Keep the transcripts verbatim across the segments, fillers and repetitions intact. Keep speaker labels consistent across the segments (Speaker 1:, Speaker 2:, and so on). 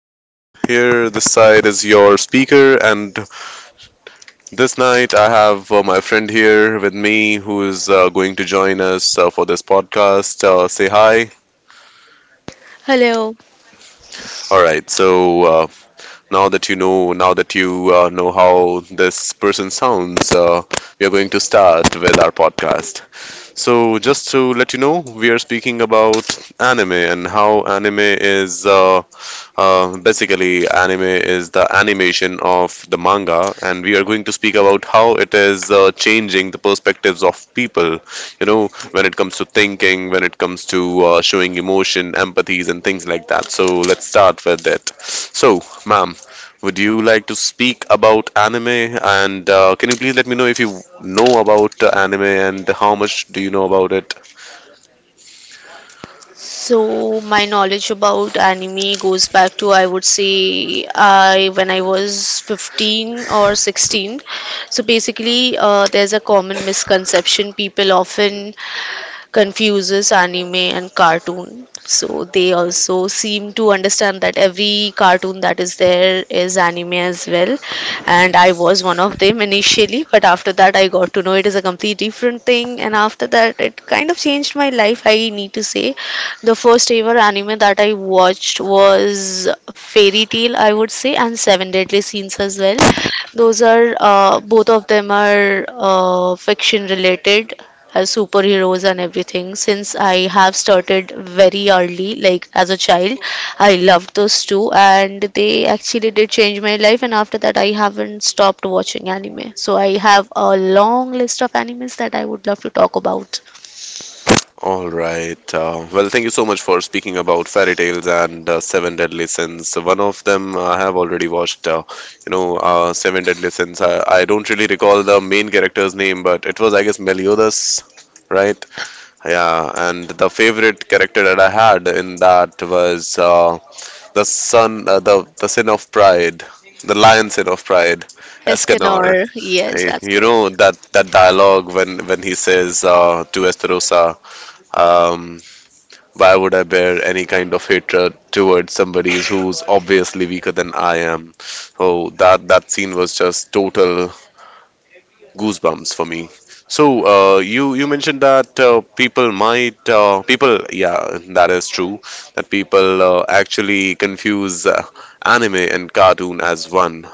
Speaker 1: Uh, here, this side is your speaker, and this night I have uh, my friend here with me who is uh, going to join us uh, for this podcast. Uh, say hi.
Speaker 2: Hello.
Speaker 1: All right. So uh, now that you know, now that you uh, know how this person sounds, uh, we are going to start with our podcast. So just to let you know, we are speaking about anime and how anime is. Uh, Uh, basically, anime is the animation of the manga, and we are going to speak about how it is uh, changing the perspectives of people. You know, when it comes to thinking, when it comes to uh, showing emotion, empathies, and things like that. So let's start with it. So, ma'am, would you like to speak about anime? And uh, can you please let me know if you know about uh, anime and how much do you know about it?
Speaker 2: So my knowledge about anime goes back to I would say I when I was fifteen or sixteen. So basically, uh, there's a common misconception people often confuses anime and cartoon. So they also seem to understand that every cartoon that is there is anime as well. And I was one of them initially, but after that, I got to know it is a complete different thing. And after that, it kind of changed my life, I need to say. The first ever anime that I watched was Fairy Tale, I would say, and Seven Deadly Sins as well. Those are uh, both of them are uh, fiction related as superheroes and everything since I have started very early, like as a child. I loved those two, and they actually did change my life. And after that, I haven't stopped watching anime. So I have a long list of animes that I would love to talk about.
Speaker 1: All right. Uh, well, thank you so much for speaking about fairy tales and uh, Seven Deadly Sins. One of them uh, I have already watched. Uh, you know, uh, Seven Deadly Sins. I, I don't really recall the main character's name, but it was I guess Meliodas, right? Yeah. And the favorite character that I had in that was uh, the son, uh, the the sin of pride, the lion sin of pride, Escanor.
Speaker 2: Escanor, yes,
Speaker 1: Eh,
Speaker 2: that's
Speaker 1: You
Speaker 2: correct.
Speaker 1: know that that dialogue when when he says uh, to Esterosa, um, why would I bear any kind of hatred towards somebody who's obviously weaker than I am? Oh, that that scene was just total goosebumps for me. So uh, you you mentioned that uh, people might uh, people, yeah, that is true that people uh, actually confuse uh, anime and cartoon as one.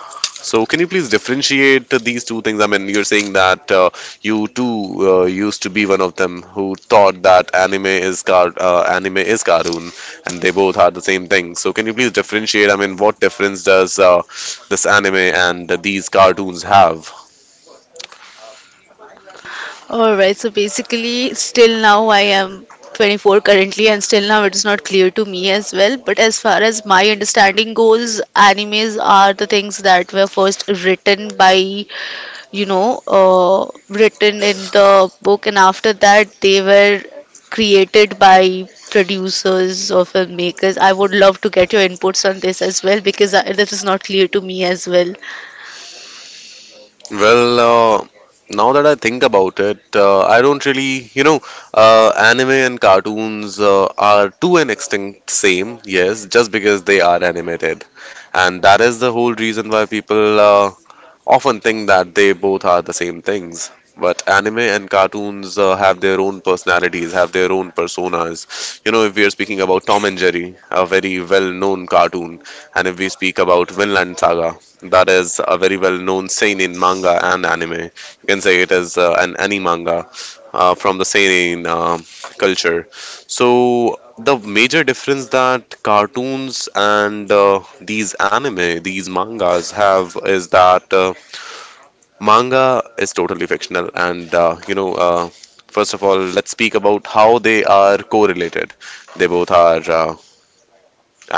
Speaker 1: So can you please differentiate these two things? I mean, you're saying that uh, you too uh, used to be one of them who thought that anime is car uh, anime is cartoon, and they both are the same thing. So can you please differentiate? I mean, what difference does uh, this anime and these cartoons have?
Speaker 2: All right, so basically, still now I am twenty-four currently, and still now it is not clear to me as well. But as far as my understanding goes, animes are the things that were first written by, you know, uh, written in the book, and after that, they were created by producers or filmmakers. I would love to get your inputs on this as well because I, this is not clear to me as well.
Speaker 1: Well, uh, now that I think about it, uh, I don't really, you know, uh, anime and cartoons uh, are to an extent same, yes, just because they are animated. And that is the whole reason why people uh, often think that they both are the same things. But anime and cartoons uh, have their own personalities, have their own personas. You know, if we are speaking about Tom and Jerry, a very well known cartoon, and if we speak about Vinland Saga, that is a very well known seinen manga and anime. You can say it is uh, an anime manga uh, from the seinen uh, culture. So, the major difference that cartoons and uh, these anime, these mangas have is that uh, manga is totally fictional, and uh, you know, uh, first of all, let's speak about how they are correlated. They both are uh,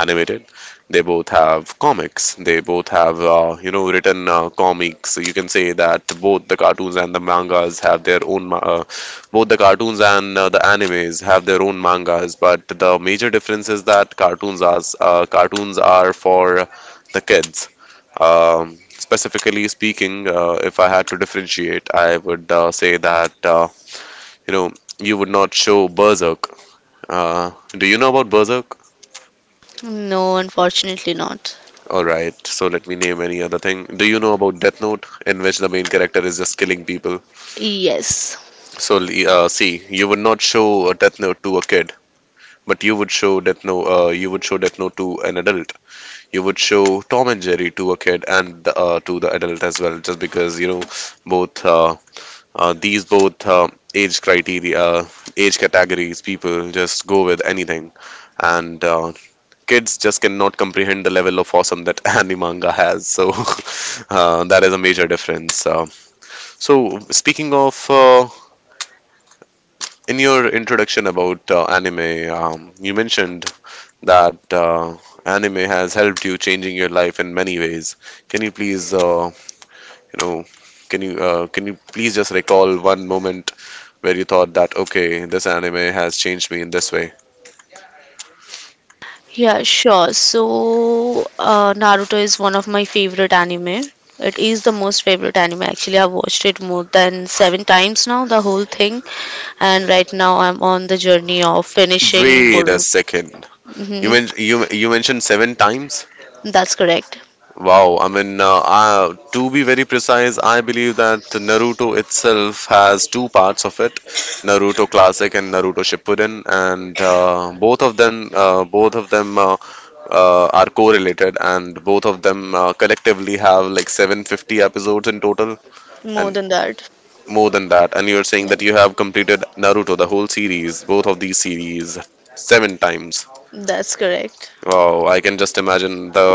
Speaker 1: animated. They both have comics. They both have uh, you know written uh, comics. You can say that both the cartoons and the mangas have their own. ma- Uh, Both the cartoons and uh, the animes have their own mangas, but the major difference is that cartoons are uh, cartoons are for the kids. Um, specifically speaking, uh, if I had to differentiate, I would uh, say that uh, you know you would not show Berserk. Uh, do you know about Berserk?
Speaker 2: No, unfortunately not.
Speaker 1: All right, so let me name any other thing. Do you know about Death Note, in which the main character is just killing people?
Speaker 2: Yes.
Speaker 1: So uh, see, you would not show a Death Note to a kid, but you would show Death Note. Uh, you would show Death Note to an adult. You would show Tom and Jerry to a kid and uh, to the adult as well, just because you know both uh, Uh, these both uh, age criteria, uh, age categories, people just go with anything, and uh, kids just cannot comprehend the level of awesome that anime manga has. So uh, that is a major difference. Uh, so speaking of, uh, in your introduction about uh, anime, um, you mentioned that uh, anime has helped you changing your life in many ways. Can you please uh, You know, can you uh, can you please just recall one moment where you thought that okay, this anime has changed me in this way?
Speaker 2: Yeah, sure. So, uh, Naruto is one of my favorite anime. It is the most favorite anime. Actually, I've watched it more than seven times now, the whole thing. And right now, I'm on the journey of finishing
Speaker 1: Wait a
Speaker 2: Boruto.
Speaker 1: second. You
Speaker 2: Hmm.
Speaker 1: men you you mentioned seven times.
Speaker 2: That's correct.
Speaker 1: Wow. I mean, uh, uh, to be very precise, I believe that Naruto itself has two parts of it, Naruto Classic and Naruto Shippuden, and uh, both of them uh, both of them uh, uh, are correlated, and both of them uh, collectively have like seven hundred fifty episodes in total.
Speaker 2: More
Speaker 1: And
Speaker 2: than that.
Speaker 1: more than that, and you're saying
Speaker 2: Yeah,
Speaker 1: that you have completed Naruto, the whole series, both of these series, seven times.
Speaker 2: that's correct.
Speaker 1: Wow, I can just imagine the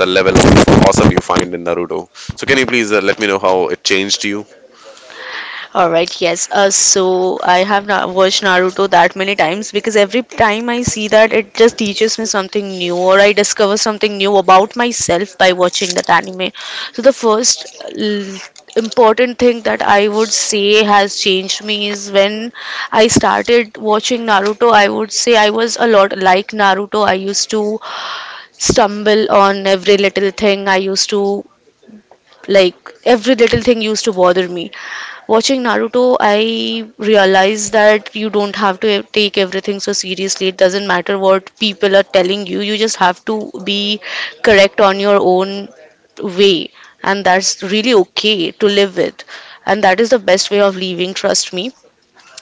Speaker 1: the level of awesome you find in Naruto. So can you please uh, let me know how it changed you?
Speaker 2: All right, yes. Uh, so I have not watched Naruto that many times because every time I see that, it just teaches me something new, or I discover something new about myself by watching that anime. So the first l- important thing that I would say has changed me is when I started watching Naruto. I would say I was a lot like Naruto. I used to stumble on every little thing. I used to like every little thing used to bother me. Watching Naruto, I realized that you don't have to ev- take everything so seriously. It doesn't matter what people are telling you, you just have to be correct on your own way, and that's really okay to live with. And that is the best way of living, trust me.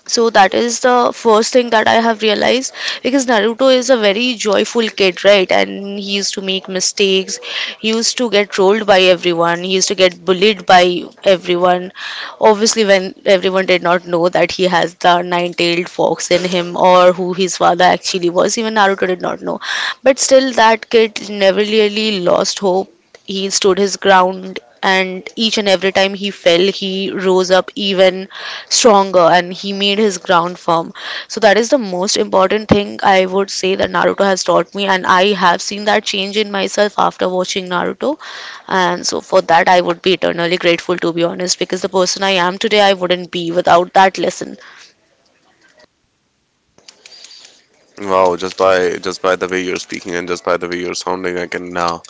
Speaker 2: So that is the first thing that I have realized because Naruto is a very joyful kid, right? And he used to make mistakes. He used to get trolled by everyone. He used to get bullied by everyone. Obviously, when everyone did not know that he has the nine-tailed fox in him or who his father actually was, even Naruto did not know. But still, that kid never really lost hope. He stood his ground, and each and every time he fell, he rose up even stronger and he made his ground firm. So that is the most important thing I would say that Naruto has taught me, and I have seen that change in myself after watching Naruto. And so for that, I would be eternally grateful, to be honest, because the person I am today, I wouldn't be without that lesson.
Speaker 1: Wow, just by just by the way you're speaking and just by the way you're sounding, I can now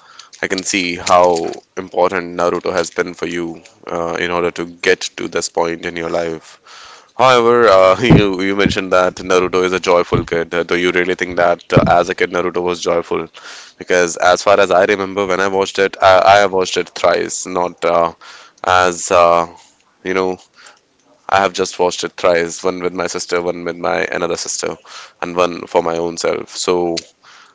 Speaker 1: I can see how important Naruto has been for you uh, in order to get to this point in your life. However, uh, you you mentioned that Naruto is a joyful kid. Uh, Do you really think that uh, as a kid Naruto was joyful? Because as far as I remember, when I watched it, I, I have watched it thrice. Not uh, as uh, you know, I have just watched it thrice. One with my sister, one with my another sister, and one for my own self. So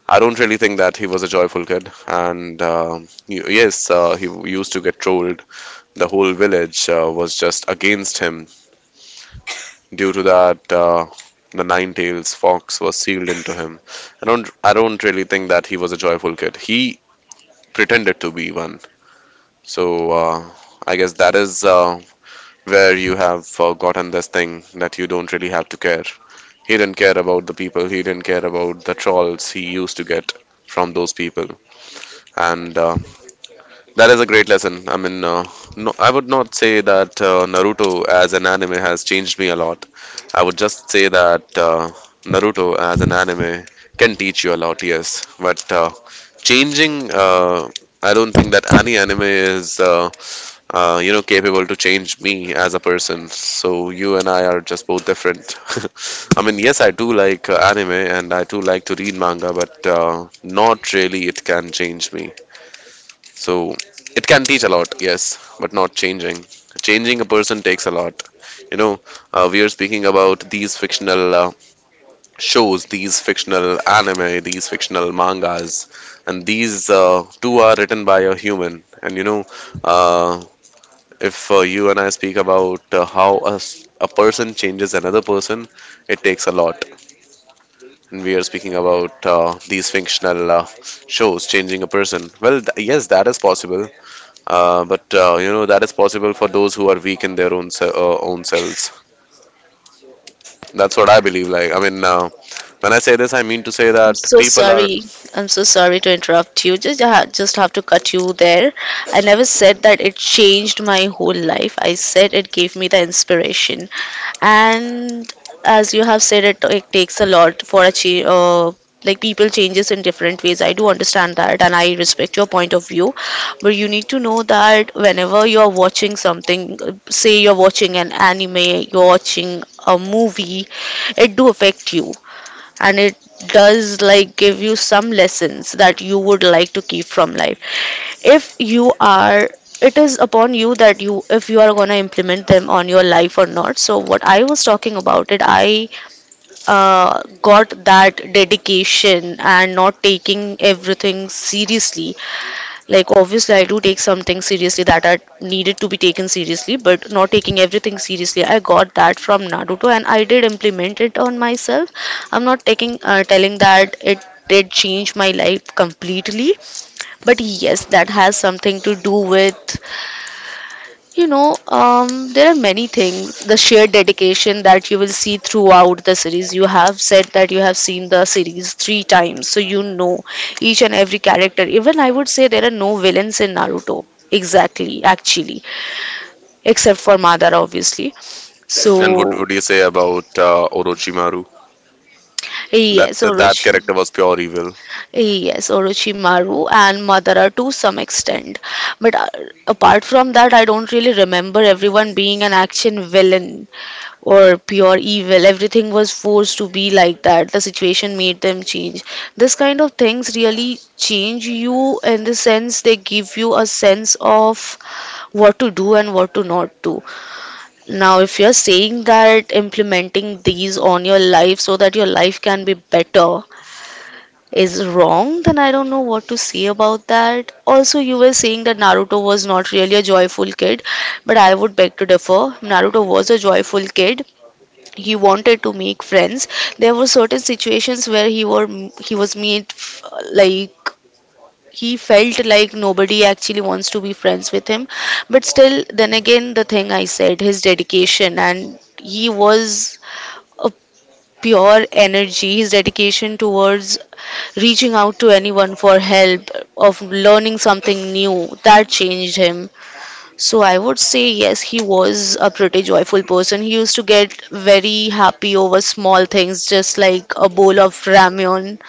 Speaker 1: I don't really think that he was a joyful kid. And uh, y- yes, uh, he used to get trolled. The whole village uh, was just against him. Due to that, uh, the Nine-Tails fox was sealed into him. I don't, I don't really think that he was a joyful kid. He pretended to be one. So uh, I guess that is uh, where you have uh, gotten this thing that you don't really have to care. He didn't care about the people. He didn't care about the trolls he used to get from those people. And uh, that is a great lesson. I mean, uh, no, I would not say that uh, Naruto as an anime has changed me a lot. I would just say that uh, Naruto as an anime can teach you a lot, yes. But uh, changing, uh, I don't think that any anime is, uh, uh, you know, capable to change me as a person. So you and I are just both different. I mean, yes, I do like uh, anime and I do like to read manga, but uh, not really. It can change me. So it can teach a lot, yes, but not changing. Changing a person takes a lot. You know, uh, we are speaking about these fictional uh, shows, these fictional anime, these fictional mangas, and these uh, two are written by a human. And you know, uh, if uh, you and I speak about uh, how a, s- a person changes another person, it takes a lot. And we are speaking about uh, these fictional uh, shows changing a person. Well, th- yes, that is possible uh, but uh, you know that is possible for those who are weak in their own se- uh, own selves. That's what I believe. Like I mean, uh, when I say this, I mean to say
Speaker 2: I'm
Speaker 1: that
Speaker 2: so
Speaker 1: people are.
Speaker 2: sorry. I'm so sorry to interrupt you. Just I ha- just have to cut you there. I never said that it changed my whole life. I said it gave me the inspiration. And as you have said it, it takes a lot for achieve, uh, like people changes in different ways. I do understand that, and I respect your point of view, but you need to know that whenever you are watching something, uh, say you're watching an anime, you're watching a movie, it do affect you, and it does like give you some lessons that you would like to keep from life. If you are It is upon you that you, if you are going to implement them on your life or not. So what I was talking about it, i uh, got that dedication and not taking everything seriously. Like, obviously, I do take some things seriously that are needed to be taken seriously, but not taking everything seriously. I got that from Naruto, and I did implement it on myself. I'm not taking, uh, telling that it did change my life completely, but yes, that has something to do with, you know, um, there are many things. The shared dedication that you will see throughout the series. You have said that you have seen the series three times, so you know each and every character. Even I would say there are no villains in Naruto. Exactly, actually, except for Madara, obviously.
Speaker 1: And what
Speaker 2: So,
Speaker 1: would you say about uh, Orochimaru? That,
Speaker 2: yes,
Speaker 1: that that
Speaker 2: Orochi.
Speaker 1: character was pure evil.
Speaker 2: Yes, Orochimaru and Madara to some extent. But uh, Apart from that, I don't really remember everyone being an action villain or pure evil. Everything was forced to be like that. The situation made them change. This kind of things really change you in the sense they give you a sense of what to do and what to not do. Now, if you're saying that implementing these on your life so that your life can be better is wrong, then I don't know what to say about that. Also, you were saying that Naruto was not really a joyful kid, but I would beg to differ. Naruto was a joyful kid. He wanted to make friends. There were certain situations where he were he was made f- like he felt like nobody actually wants to be friends with him. But still, then again, the thing I said, his dedication, and he was a pure energy. His dedication towards reaching out to anyone for help, of learning something new, that changed him. So I would say yes, he was a pretty joyful person. He used to get very happy over small things, just like a bowl of ramyun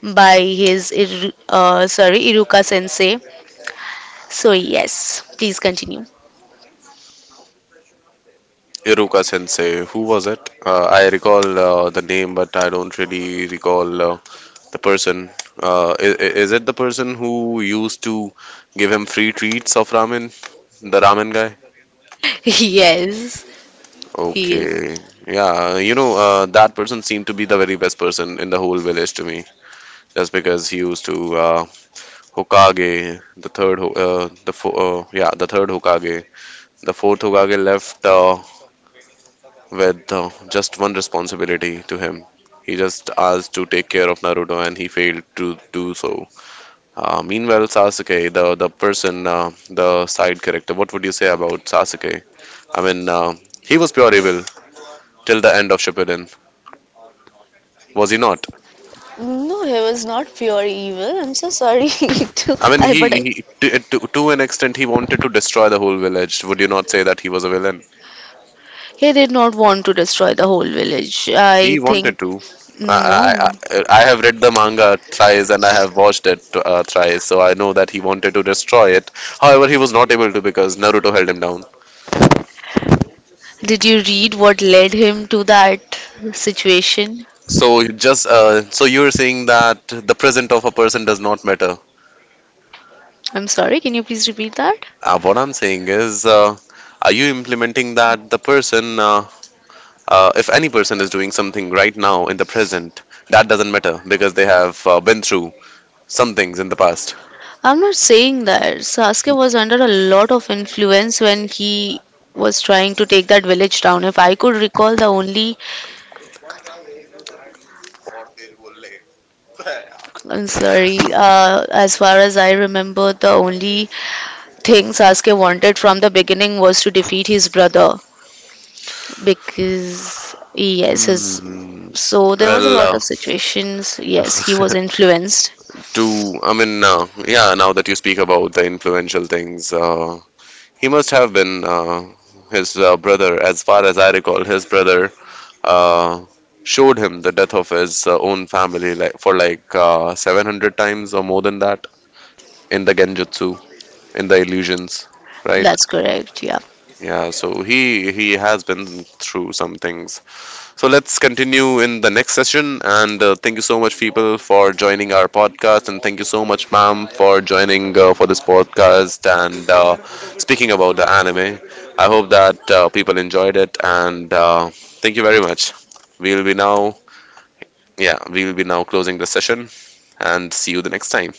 Speaker 2: by his Iru- uh, sorry Iruka sensei. So yes, please continue.
Speaker 1: Iruka Sensei, who was it? Uh, I recall uh, the name, but I don't really recall uh, the person. Uh, is, is it the person who used to give him free treats of ramen? The ramen guy?
Speaker 2: Yes, he is.
Speaker 1: Okay. Yeah, you know, uh, that person seemed to be the very best person in the whole village to me, just because he used to uh, Hokage, the third, Ho- uh, the fo- uh, yeah, the third Hokage. The fourth Hokage left uh, with uh, just one responsibility to him. He just asked to take care of Naruto, and he failed to do so. Uh, meanwhile, Sasuke, the the person, uh, the side character, what would you say about Sasuke? I mean, uh, he was pure evil till the end of Shippuden, was he not?
Speaker 2: No, he was not pure evil. I'm so sorry to.
Speaker 1: I mean,
Speaker 2: I
Speaker 1: he,
Speaker 2: but I,
Speaker 1: he to, to to an extent, he wanted to destroy the whole village. Would you not say that he was a villain?
Speaker 2: he did not want to destroy the whole village. I
Speaker 1: He
Speaker 2: think
Speaker 1: wanted to. I, I,
Speaker 2: no.
Speaker 1: I I have read the manga thrice and I have watched it uh, thrice, so I know that he wanted to destroy it. However, he was not able to because Naruto held him down.
Speaker 2: Did you read what led him to that situation?
Speaker 1: So just uh, so you're saying that the present of a person does not matter.
Speaker 2: I'm sorry, can you please repeat that?
Speaker 1: Uh, what I'm saying is, uh, are you implementing that the person uh, uh, if any person is doing something right now in the present, that doesn't matter because they have uh, been through some things in the past.
Speaker 2: I'm not saying that. Sasuke was under a lot of influence when he was trying to take that village down. If I could recall, the only, I'm sorry, uh, as far as I remember, the only thing Sasuke wanted from the beginning was to defeat his brother because, yes, his,
Speaker 1: Hmm.
Speaker 2: so there was a lot
Speaker 1: Well,
Speaker 2: of situations. Yes, he was
Speaker 1: uh,
Speaker 2: influenced.
Speaker 1: to I mean, uh, yeah. Now that you speak about the influential things, uh, he must have been uh, his uh, brother, as far as I recall. His brother uh, showed him the death of his uh, own family, like for like uh, seven hundred times or more than that in the Genjutsu, in the illusions, right?
Speaker 2: That's correct, yeah.
Speaker 1: Yeah, so he he has been through some things. So let's continue in the next session. And uh, thank you so much, people, for joining our podcast. And thank you so much, ma'am, for joining uh, for this podcast and uh, speaking about the anime. I hope that uh, people enjoyed it. And uh, thank you very much. We'll be now, yeah, we'll be now closing the session. And see you the next time.